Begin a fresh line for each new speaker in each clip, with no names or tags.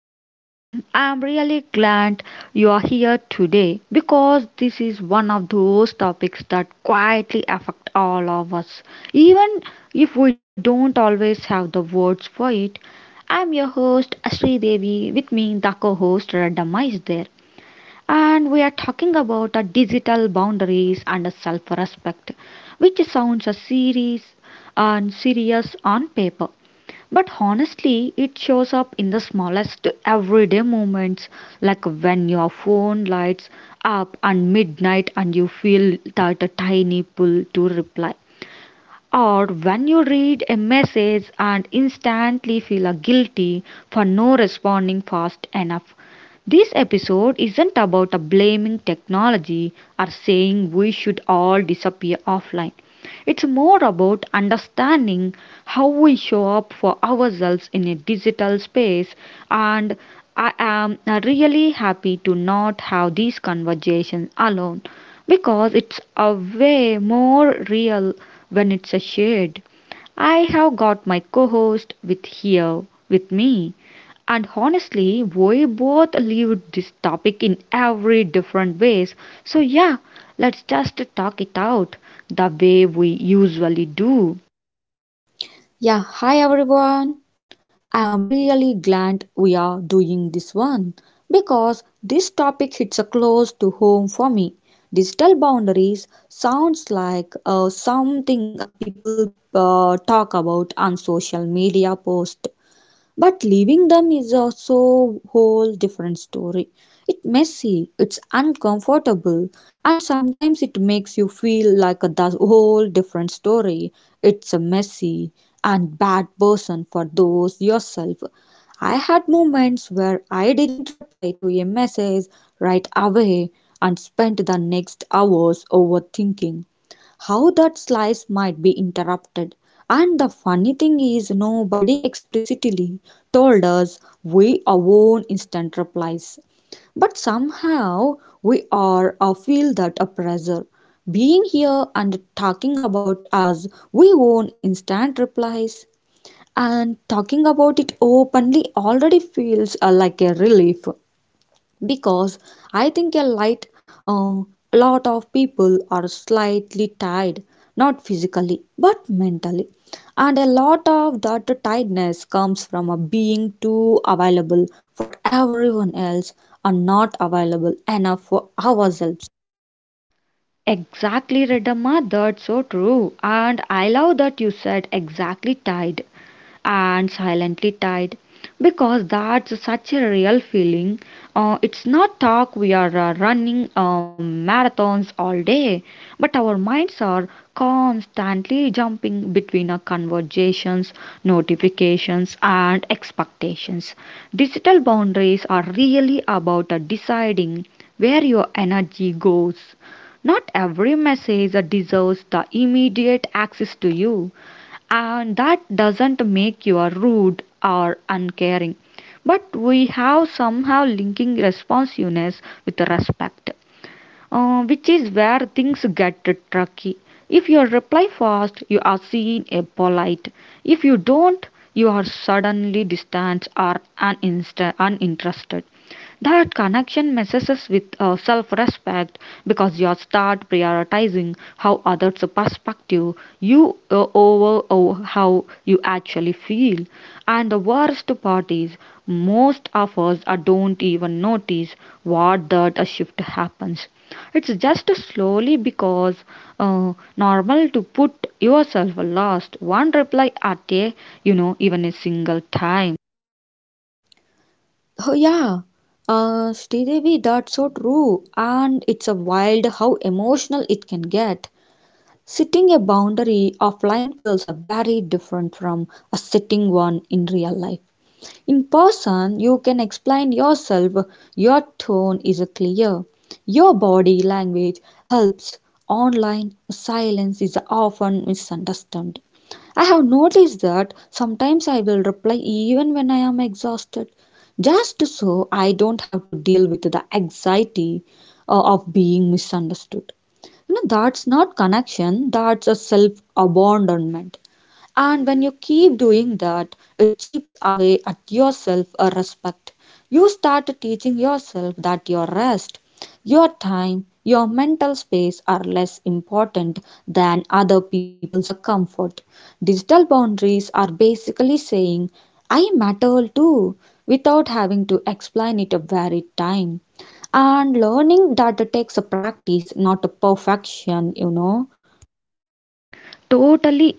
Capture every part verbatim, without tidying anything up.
everyone. I'm really glad you are here today because this is one of those topics that quietly affect all of us, even if we don't always have the words for it. I'm your host Asri Devi. With me, the co-host Radhamma is there, and we are talking about our digital boundaries and self-respect, which sounds a serious and serious on paper but honestly, it shows up in the smallest everyday moments, like when your phone lights up at midnight and you feel that a tiny pull to reply or when you read a message and instantly feel guilty for no responding fast enough. This episode isn't about blaming technology or saying we should all disappear offline. It's more about understanding how we show up for ourselves in a digital space and I am really happy to not have these conversations alone because it's a way more real when it's a shared. I have got my co-host with here with me, and honestly, we both live this topic in every different ways. So yeah, let's just talk it out the way we usually do.
Yeah, hi everyone. I am really glad we are doing this one because this topic hits a close to home for me. Digital boundaries sounds like uh, something a people uh, talk about on social media post but leaving them is also whole different story. It's messy, it's uncomfortable, and sometimes it makes you feel like a thus- whole different story. It's a messy and bad person for those yourself. I had moments where I didn't reply to a message right away and spent the next hours overthinking how that slice might be interrupted. And the funny thing is, nobody explicitly told us we own instant replies. But somehow we are or feel that a pressure. Being here and talking about us, we own instant replies and talking about it openly already feels uh, like a relief because I think a light uh, lot of people are slightly tired, not physically but mentally, and a lot of that tiredness comes from a being too available for everyone else and not available enough for ourselves.
Exactly, Redamma. That's so true, and I love that you said exactly tied and silently tied because that's such a real feeling. Uh, it's not talk we are uh, running um, marathons all day, but our minds are constantly jumping between our conversations, notifications, and expectations. Digital boundaries are really about uh, deciding where your energy goes. Not every message uh, deserves the immediate access to you and that doesn't make you rude or uncaring but we have somehow linking responsiveness with respect, uh, which is where things get tricky if you reply fast you are seen as polite if you don't you are suddenly distant or uninst- uninterested. That connection messes us with uh, self respect because you start prioritizing how others perspective you uh, over, over how you actually feel. And the worst part is, most of us uh, don't even notice what that uh, shift happens. It's just slowly because uh, normal to put yourself last one reply at a you know even a single time.
Oh yeah. uh, Sridevi, that's so true, and it's a wild how emotional it can get. Setting a boundary offline feels feels very different from a setting one in real life. In person, you can explain yourself, your tone is clear, your body language helps. Online, silence is often misunderstood. I have noticed that sometimes I will reply even when I am exhausted, just so I don't have to deal with the anxiety uh, of being misunderstood. You know, that's not connection, that's a self abandonment. And when you keep doing that, it chips away at your self uh, respect. You start teaching yourself that your rest, your time, your mental space are less important than other people's uh, comfort. Digital boundaries are basically saying, I matter too, without having to explain it every time. And learning that takes a practice, not a perfection, you know.
Totally,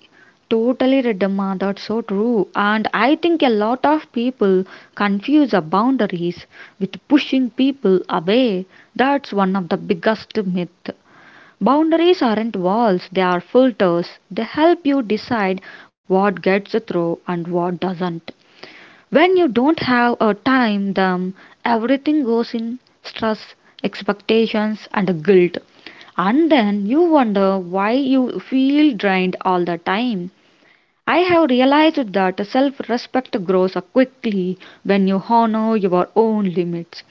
totally, Redamma. That's so true. And I think a lot of people confuse the boundaries with pushing people away. That's one of the biggest myth. Boundaries aren't walls, they are filters. They help you decide what gets through and what doesn't. When you don't have a time, then everything goes in stress, expectations, and guilt. And then you wonder why you feel drained all the time. I have realized that self respect grows quickly when you honor your own limits,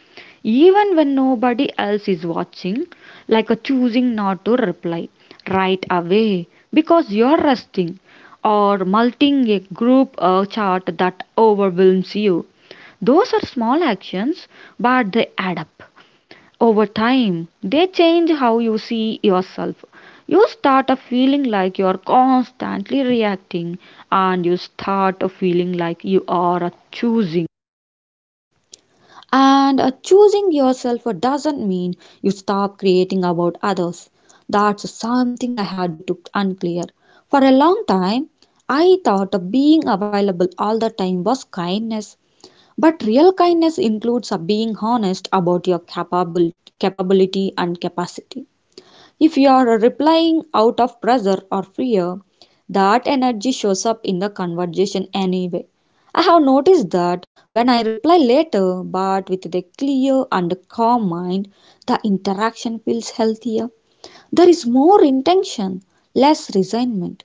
even when nobody else is watching, like choosing not to reply right away because you're resting or multing a group uh, chart that overwhelms you. Those are small actions, but they add up. Over time, they change how you see yourself. You start a feeling like you are constantly reacting, and you start a feeling like you are a choosing.
And uh, choosing yourself uh, doesn't mean you stop creating about others. That's something I had to unclear. For a long time, I thought uh, being available all the time was kindness. But real kindness includes uh, being honest about your capable, capability and capacity. If you are replying out of pressure or fear, that energy shows up in the conversation anyway. I have noticed that when I reply later but with a clear and calm mind, the interaction feels healthier. There is more intention, less resentment.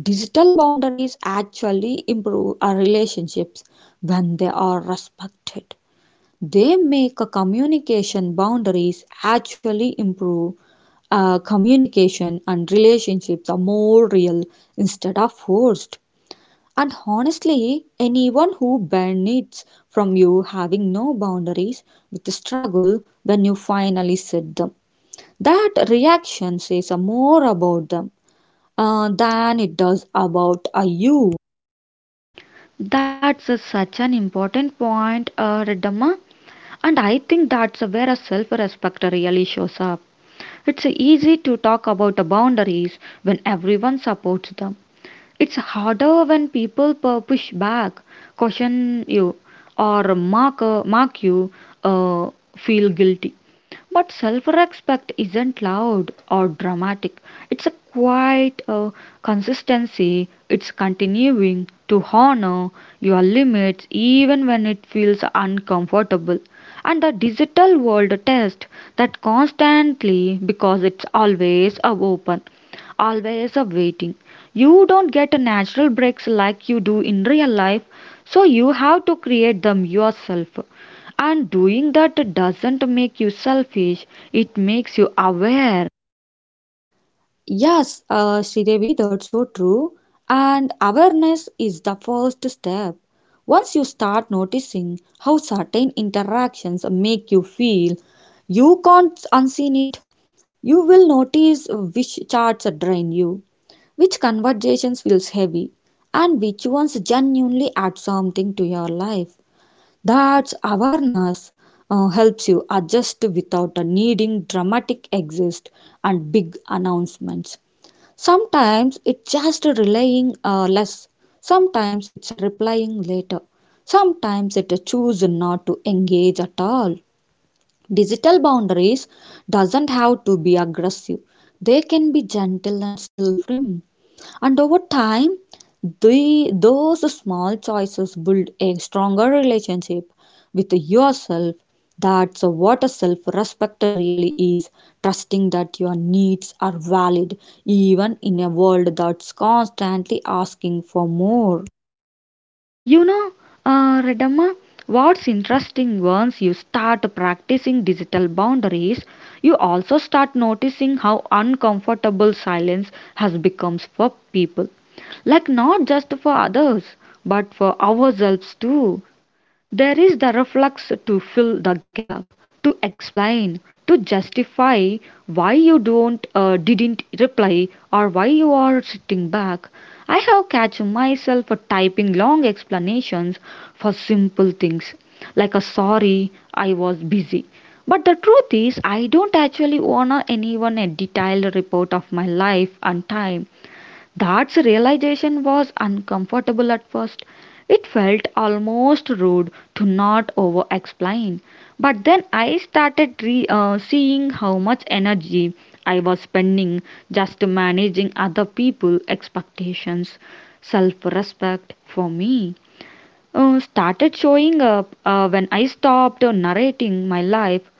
Digital boundaries actually improve our relationships when they are respected, they make a communication boundaries actually improve uh, communication, and relationships are more real instead of forced. And honestly, anyone who benefits from you having no boundaries with struggle when you finally set them. That reaction says uh, more about them uh, than it does about uh, you.
That's a, such an important point, uh, Redamma. And I think that's where a self respect really shows up. It's easy to talk about the boundaries when everyone supports them. It's harder when people pu- push back, caution you, or mark, uh, mark you, uh, feel guilty. But self respect isn't loud or dramatic. It's a quiet uh, consistency. It's continuing to honor your limits even when it feels uncomfortable. And the digital world test that constantly because it's always uh, open, always of waiting. You don't get a natural breaks like you do in real life, so you have to create them yourself. And doing that doesn't make you selfish, it makes you aware.
Yes, uh, Sridevi, that's so true. And awareness is the first step. Once you start noticing how certain interactions make you feel, you can't unseen it. You will notice which chats drain you, which conversations feels heavy, and which ones genuinely add something to your life. That's awareness uh, helps you adjust without a needing dramatic exist and big announcements. Sometimes it's just relying uh, less. Sometimes it's replying later. Sometimes it's choose not to engage at all. Digital boundaries doesn't have to be aggressive. They can be gentle and still firm. And over time, the, those small choices build a stronger relationship with yourself. That's what a self respect really is, trusting that your needs are valid, even in a world that's constantly asking for more.
You know, uh, Redamma, what's interesting once you start practicing digital boundaries, you also start noticing how uncomfortable silence has become for people, like not just for others but for ourselves too. There is the reflex to fill the gap, to explain, to justify why you don't uh, didn't reply or why you are sitting back. I have catch myself typing long explanations for simple things like a sorry I was busy. But the truth is I don't actually want anyone a detailed report of my life and time. That realization was uncomfortable at first. It felt almost rude to not over explain. But then I started re- uh, seeing how much energy I was spending just managing other people's expectations. Self respect for me uh, started showing up uh, when I stopped narrating my life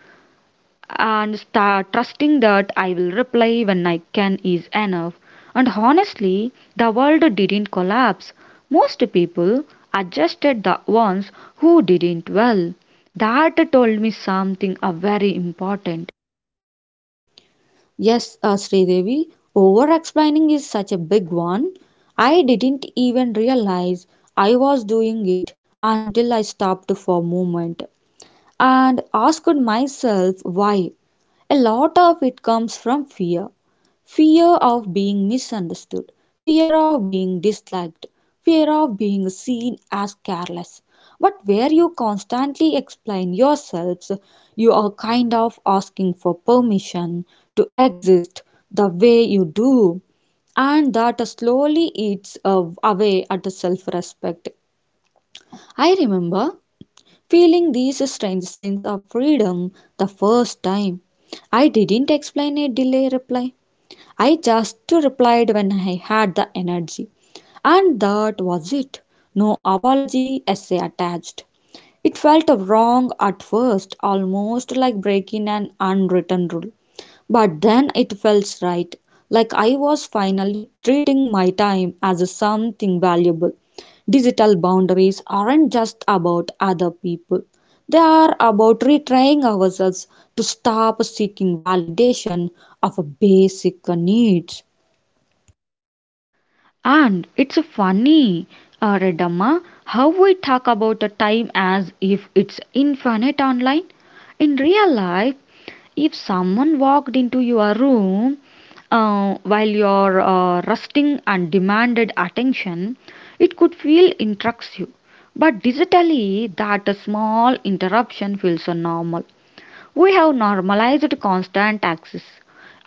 and start trusting that I will reply when I can is enough. And honestly, the world didn't collapse. Most people adjusted the ones who didn't well. That told me something uh, very important.
Yes, uh, Sridevi, over explaining is such a big one. I didn't even realize I was doing it until I stopped for a moment and asked myself why. A lot of it comes from fear, fear of being misunderstood, fear of being disliked, fear of being seen as careless. But where you constantly explain yourselves, you are kind of asking for permission to exist the way you do, and that slowly eats uh, away at self respect. I remember feeling these strange sense of freedom the first time. I didn't explain a delay reply. I just replied when I had the energy. And that was it. No apology essay attached. It felt wrong at first, almost like breaking an unwritten rule. But then it felt right, like I was finally treating my time as something valuable. Digital boundaries aren't just about other people, they are about retraining ourselves to stop seeking validation of basic needs.
And it's funny, uh, Redamma, how we talk about the time as if it's infinite online. In real life, if someone walked into your room uh, while you're uh, resting and demanded attention, it could feel interrupts you. But digitally, that small interruption feels uh, normal. We have normalized constant taxes,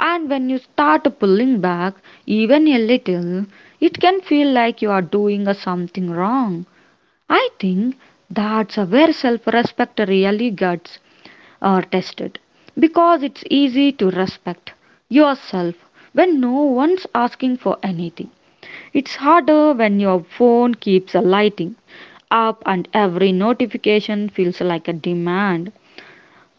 and when you start pulling back even a little, it can feel like you are doing something wrong. I think that's where self respect really gets uh, tested because it's easy to respect yourself when no one's asking for anything. It's harder when your phone keeps lighting up and every notification feels like a demand.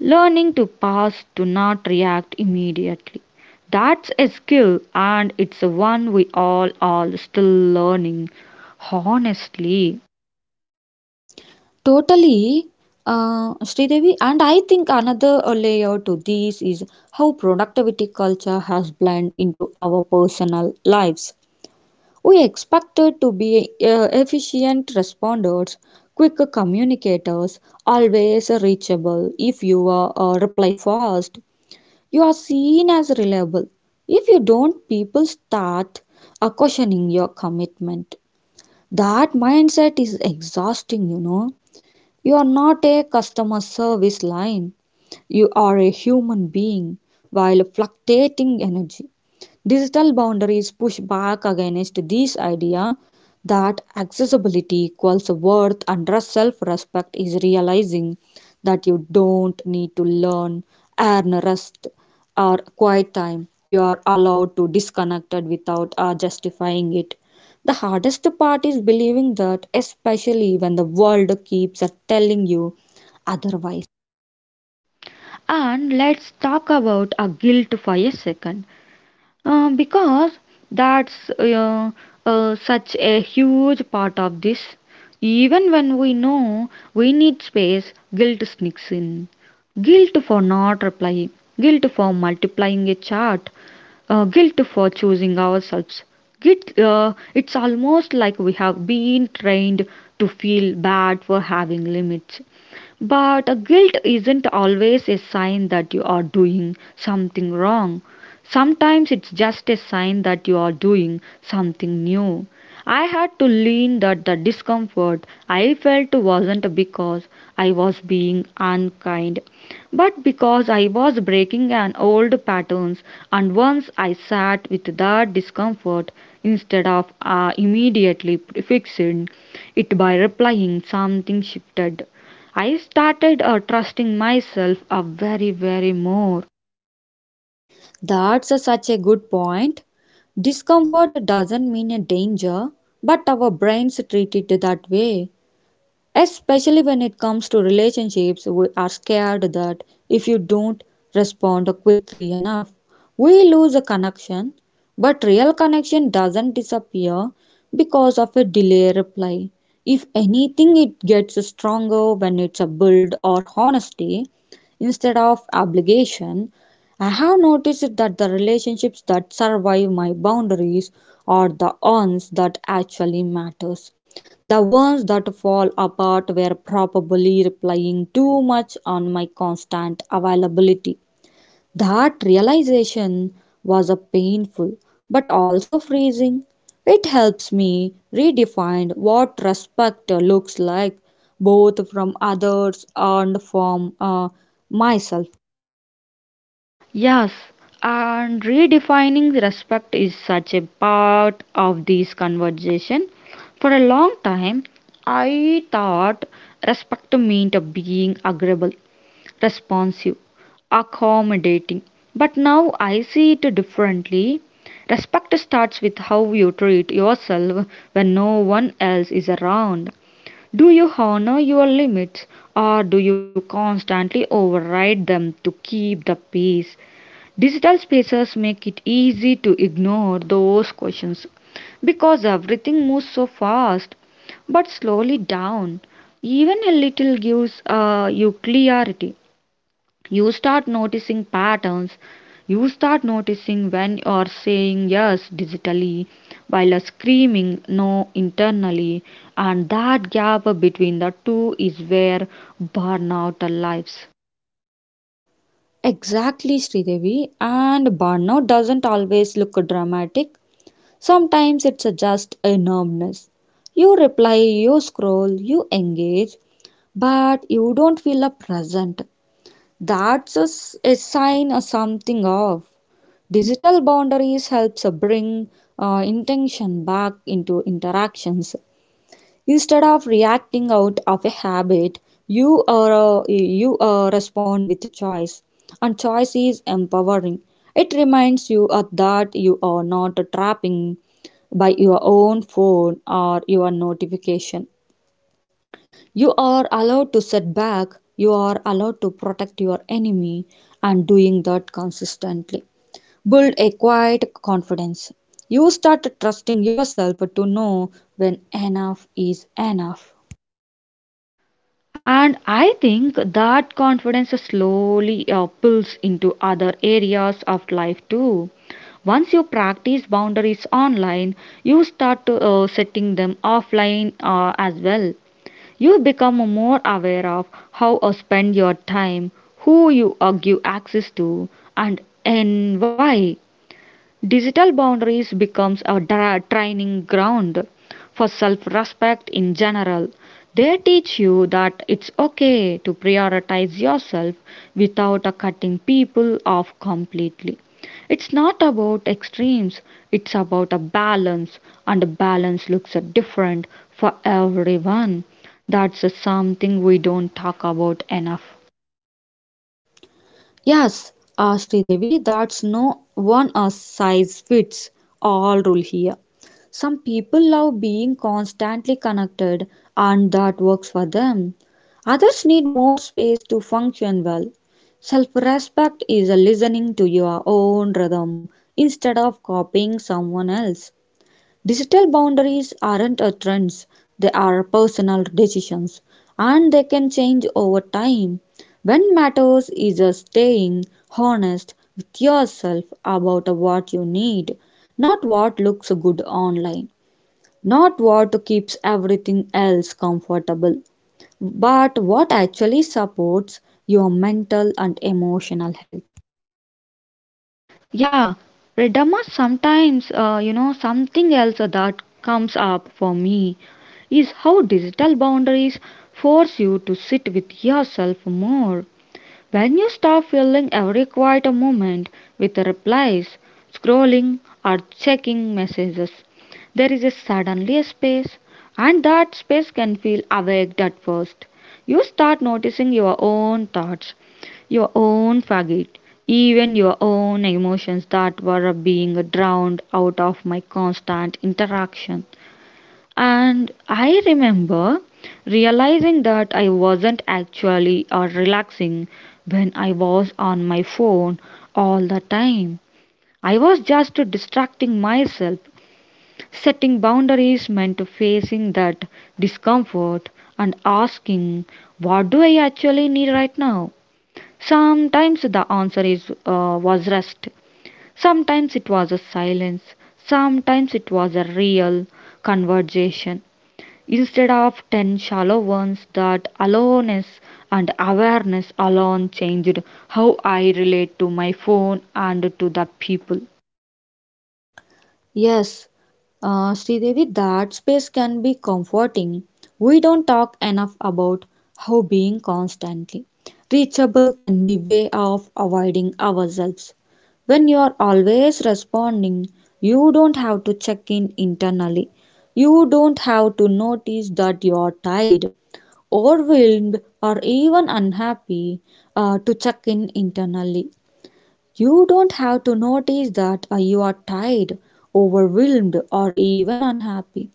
Learning to pause, to not react immediately. That's a skill, and it's one we all are still learning, honestly.
Totally, uh, Sridevi. And I think another layer to this is how productivity culture has blended into our personal lives. We expected to be uh, efficient responders, quick communicators, always reachable. If you uh, uh, reply fast, you are seen as reliable. If you don't, people start uh, questioning your commitment. That mindset is exhausting, you know. You are not a customer service line. You are a human being while fluctuating energy. Digital boundaries push back against this idea that accessibility equals worth, and self respect is realizing that you don't need to learn, earn rest, or quiet time. You are allowed to disconnect without uh, justifying it. The hardest part is believing that, especially when the world keeps telling you otherwise.
And let's talk about a guilt for a second. Uh, because that's uh, uh, such a huge part of this. Even when we know we need space, guilt sneaks in. Guilt for not replying, guilt for multiplying a chart, uh, guilt for choosing ourselves. Guilt, uh, it's almost like we have been trained to feel bad for having limits. But a guilt isn't always a sign that you are doing something wrong. Sometimes it's just a sign that you are doing something new. I had to learn that the discomfort I felt wasn't because I was being unkind, but because I was breaking an old patterns, and once I sat with that discomfort instead of uh, immediately fixing it by replying something shifted. I started uh, trusting myself a very, very more.
That's such a good point. Discomfort doesn't mean a danger, but our brains treat it that way, especially when it comes to relationships. We are scared that if you don't respond quickly enough, we lose a connection. But real connection doesn't disappear because of a delay reply. If anything, it gets stronger when it's a build or honesty instead of obligation. I have noticed that the relationships that survive my boundaries are the ones that actually matters. The ones that fall apart were probably relying too much on my constant availability. That realization was a painful but also freezing. It helps me redefine what respect looks like, both from others and from uh, myself.
Yes, and redefining respect is such a part of this conversation. For a long time, I thought respect meant being agreeable, responsive, accommodating. But now I see it differently. Respect starts with how you treat yourself when no one else is around. Do you honor your limits or do you constantly override them to keep the peace? Digital spaces make it easy to ignore those questions because everything moves so fast. But slowly down, even a little gives uh, you clarity. You start noticing patterns, you start noticing when you are saying yes digitally while screaming no internally, and that gap between the two is where burnout lives.
Exactly, Sridevi. And burnout doesn't always look dramatic. Sometimes it's a just a numbness. You reply, you scroll, you engage, but you don't feel a present. That's a, s- a sign of something off. Digital boundaries helps uh, bring uh, intention back into interactions. Instead of reacting out of a habit, you are you uh, respond with choice, and choice is empowering. It reminds you uh, that you are not trapping by your own phone or your notification. You are allowed to set back, you are allowed to protect your enemy, and doing that consistently. Build a quiet confidence. You start trusting yourself to know when enough is enough.
And I think that confidence slowly uh, pulls into other areas of life too. Once you practice boundaries online you start to, uh, setting them offline uh, as well. You become more aware of how you spend your time, who you uh, give access to, and in why. Digital boundaries becomes a dra- training ground for self-respect in general. They teach you that it's okay to prioritize yourself without uh, cutting people off completely. It's not about extremes, it's about a balance, and a balance looks uh, different for everyone. That's uh, something we don't talk about enough.
Yes, uh, Devi, that's no one uh, size fits all rule here. Some people love being constantly connected and that works for them. Others need more space to function well. Self respect is a listening to your own rhythm instead of copying someone else. Digital boundaries aren't a trends, they are personal decisions and they can change over time. When matters is a staying honest with yourself about what you need, not what looks good online, not what keeps everything else comfortable, but what actually supports your mental and emotional health.
Yeah, Redama sometimes, uh, you know, something else uh, that comes up for me is how digital boundaries force you to sit with yourself more. When you stop filling every quiet moment with replies, scrolling, or checking messages, there is a suddenly a space, and that space can feel awake at first. You start noticing your own thoughts, your own faggot, even your own emotions that were being drowned out of my constant interaction. And I remember realizing that I wasn't actually or relaxing when I was on my phone all the time. I was just distracting myself. Setting boundaries meant facing that discomfort and asking, what do I actually need right now? Sometimes the answer is uh, was rest. Sometimes it was a silence. Sometimes it was a real conversation instead of ten shallow ones. That aloneness and awareness alone changed how I relate to my phone and to the people.
Yes, uh, Sridevi, that space can be comforting. We don't talk enough about how being constantly reachable can be way of avoiding ourselves. When you are always responding, you don't have to check in internally. You don't have to notice that you are tired, overwhelmed, or even unhappy uh, to check in internally. You don't have to notice that uh, you are tired, overwhelmed, or even unhappy.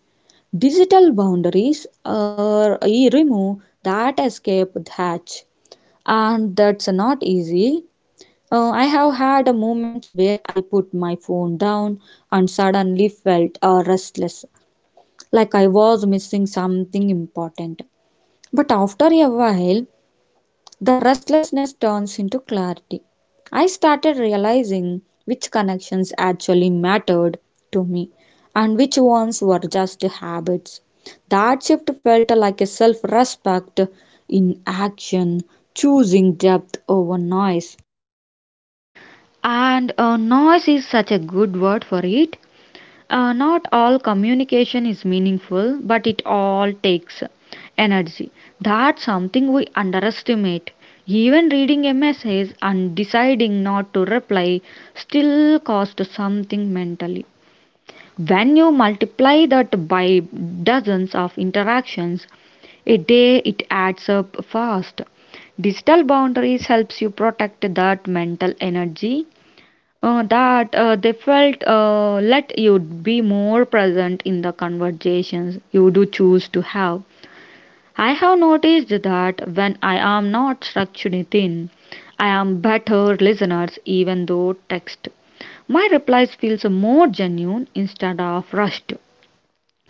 Digital boundaries are, uh, remove that escape hatch, and that's not easy. Uh, I have had moments where I put my phone down and suddenly felt uh, restless, like I was missing something important. But after a while, the restlessness turns into clarity. I started realizing which connections actually mattered to me and which ones were just habits. That shift felt like a self respect in action, choosing depth over noise.
And uh, noise is such a good word for it. Uh, not all communication is meaningful but it all takes energy. That's something we underestimate. Even reading a message and deciding not to reply still costs something mentally. When you multiply that by dozens of interactions a day, it adds up fast. Digital boundaries helps you protect that mental energy, uh, that uh, they felt uh, let you be more present in the conversations you do choose to have. I have noticed that when I am not structured thin, I am better listeners even though text. My replies feels more genuine instead of rushed.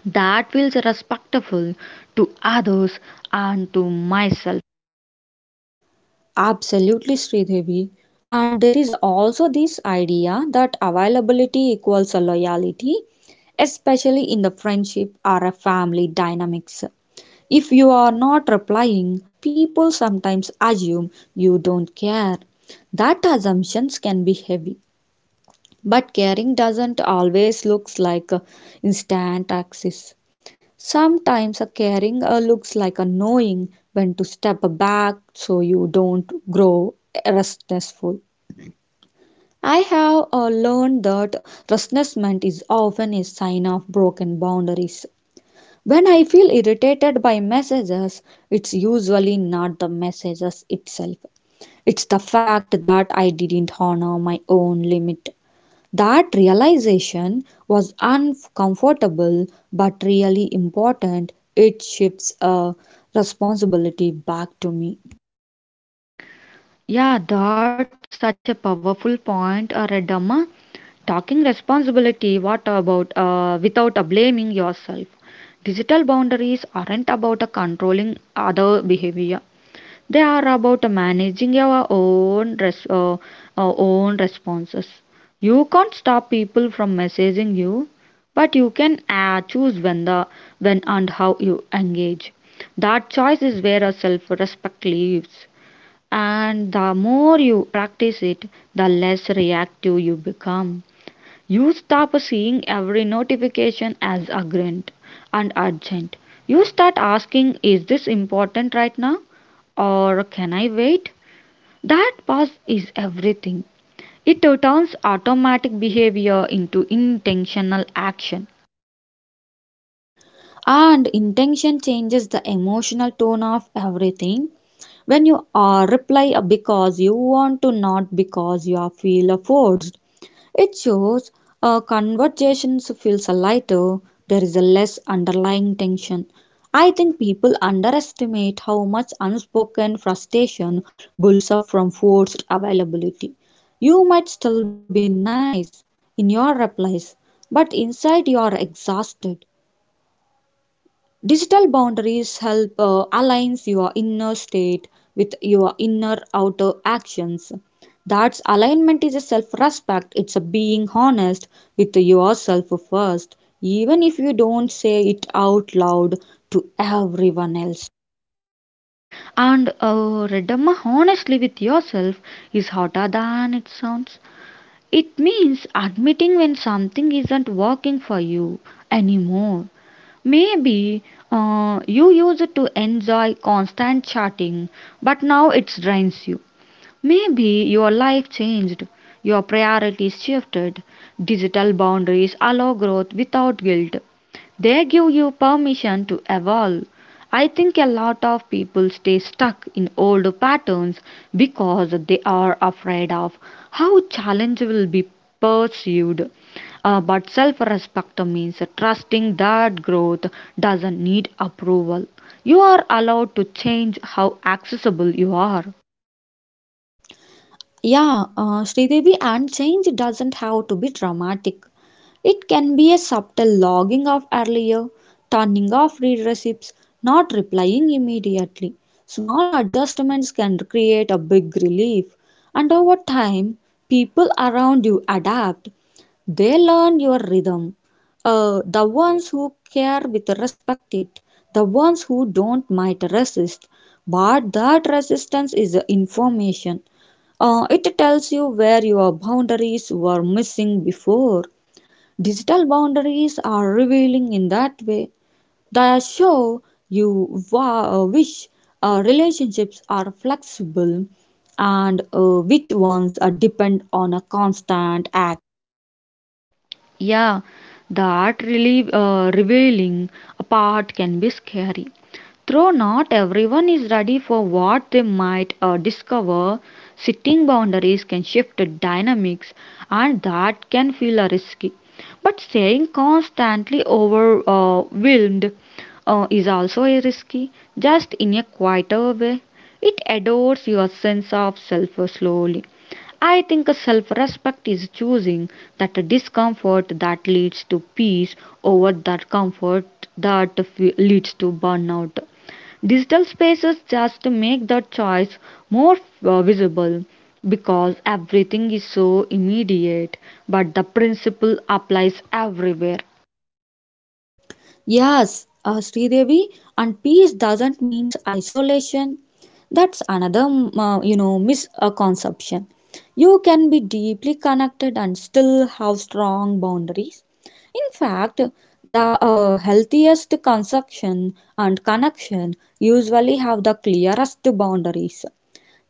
That feels respectful to others and to myself.
Absolutely, Sridevi. And there is also this idea that availability equals a loyalty, especially in the friendship or a family dynamics. If you are not replying, people sometimes assume you don't care. That assumptions can be heavy, but caring doesn't always looks like uh, instant access. Sometimes a caring uh, looks like a knowing when to step back so you don't grow resentful. I have uh, learned that restlessness is often a sign of broken boundaries. When I feel irritated by messages, it's usually not the messages itself. It's the fact that I didn't honor my own limit. That realization was uncomfortable but really important. It shifts a responsibility back to me.
Yeah, that's such a powerful point, uh, Redamma. Talking responsibility, what about uh, without uh, blaming yourself? Digital boundaries aren't about uh, controlling other behavior. They are about managing your own res- uh, uh, own responses. You can't stop people from messaging you, but you can uh, choose when the when and how you engage. That choice is where a self-respect lives, and the more you practice it, the less reactive you become. You stop seeing every notification as urgent and urgent. You start asking, is this important right now? Or can I wait? That pause is everything. It turns automatic behavior into intentional action.
And intention changes the emotional tone of everything. When you are reply because you want to, not because you are feel forced, it shows uh, conversations feels lighter, there is a less underlying tension. I think people underestimate how much unspoken frustration builds up from forced availability. You might still be nice in your replies, but inside you are exhausted. Digital boundaries help uh, align your inner state with your inner outer actions. That's alignment is a self respect, it's a being honest with yourself first, even if you don't say it out loud to everyone else.
And uh, redema honestly with yourself is hotter than it sounds. It means admitting when something isn't working for you anymore. Maybe uh, you used to enjoy constant chatting, but now it drains you. Maybe your life changed, your priorities shifted. Digital boundaries allow growth without guilt. They give you permission to evolve. I think a lot of people stay stuck in old patterns because they are afraid of how challenge will be pursued. Uh, but self respect means trusting that growth doesn't need approval. You are allowed to change how accessible you are.
Yeah, uh, Sridevi, and change doesn't have to be dramatic. It can be a subtle logging of earlier, turning off read receipts, not replying immediately. Small adjustments can create a big relief, and over time, people around you adapt. They learn your rhythm. Uh, the ones who care with respect it, the ones who don't might resist, but that resistance is information. Uh, it tells you where your boundaries were missing before. Digital boundaries are revealing in that way. They show you wa- uh, which uh, relationships are flexible and uh, which ones are depend on a constant act.
Yeah, the art really uh, revealing a part can be scary. Though not everyone is ready for what they might uh, discover, setting boundaries can shift the dynamics and that can feel uh, risky. But staying constantly overwhelmed uh, is also a risky, just in a quieter way. It adores your sense of self slowly. I think self respect is choosing that discomfort that leads to peace over that comfort that f- leads to burnout. Digital spaces just make that choice more uh, visible because everything is so immediate, but the principle applies everywhere.
Yes, uh, Sridevi, and peace doesn't mean isolation. That's another, mm, uh, you know, misconception. You can be deeply connected and still have strong boundaries. In fact, the uh, healthiest conception and connection usually have the clearest boundaries.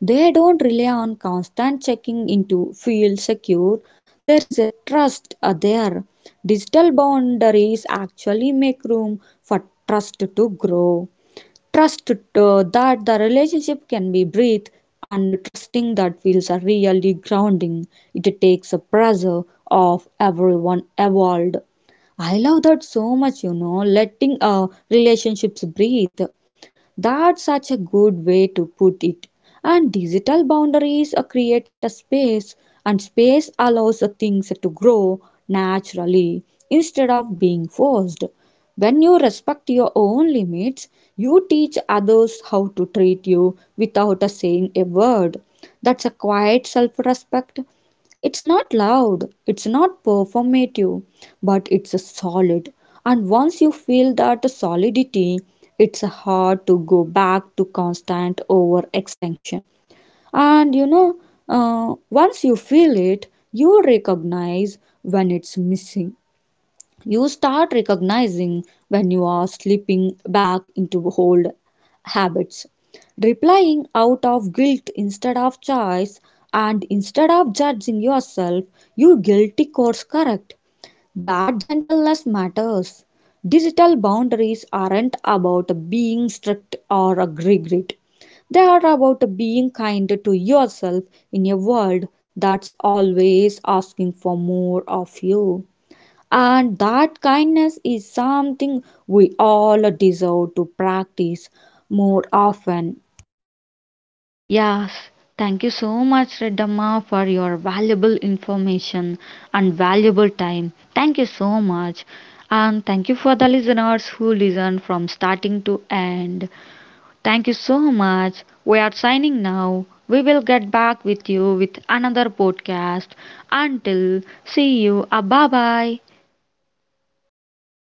They don't rely on constant checking into feel secure. There is a trust uh, there. Digital boundaries actually make room for trust to grow. Trust uh, that the relationship can be breathed and trusting that feels are really grounding. It takes a pressure of everyone evolved. I love that so much, you know, letting uh, relationships breathe. That's such a good way to put it. And digital boundaries uh, create a space, and space allows uh, things to grow naturally instead of being forced. When you respect your own limits, you teach others how to treat you without uh, saying a word. That's a quiet self respect, it's not loud, it's not performative, but it's a solid. And once you feel that solidity, it's hard to go back to constant overextension. And you know, uh, once you feel it, you recognize when it's missing. You start recognizing when you are slipping back into old habits. Replying out of guilt instead of choice, and instead of judging yourself, you guilty course correct. That gentleness matters. Digital boundaries aren't about being strict or a regret. They are about being kind to yourself in a world that's always asking for more of you. And that kindness is something we all deserve to practice more often.
Yes, thank you so much, Reddamma, for your valuable information and valuable time. Thank you so much. And thank you for the listeners who listened from starting to end. Thank you so much. We are signing now. We will get back with you with another podcast. Until see you. Uh, bye bye.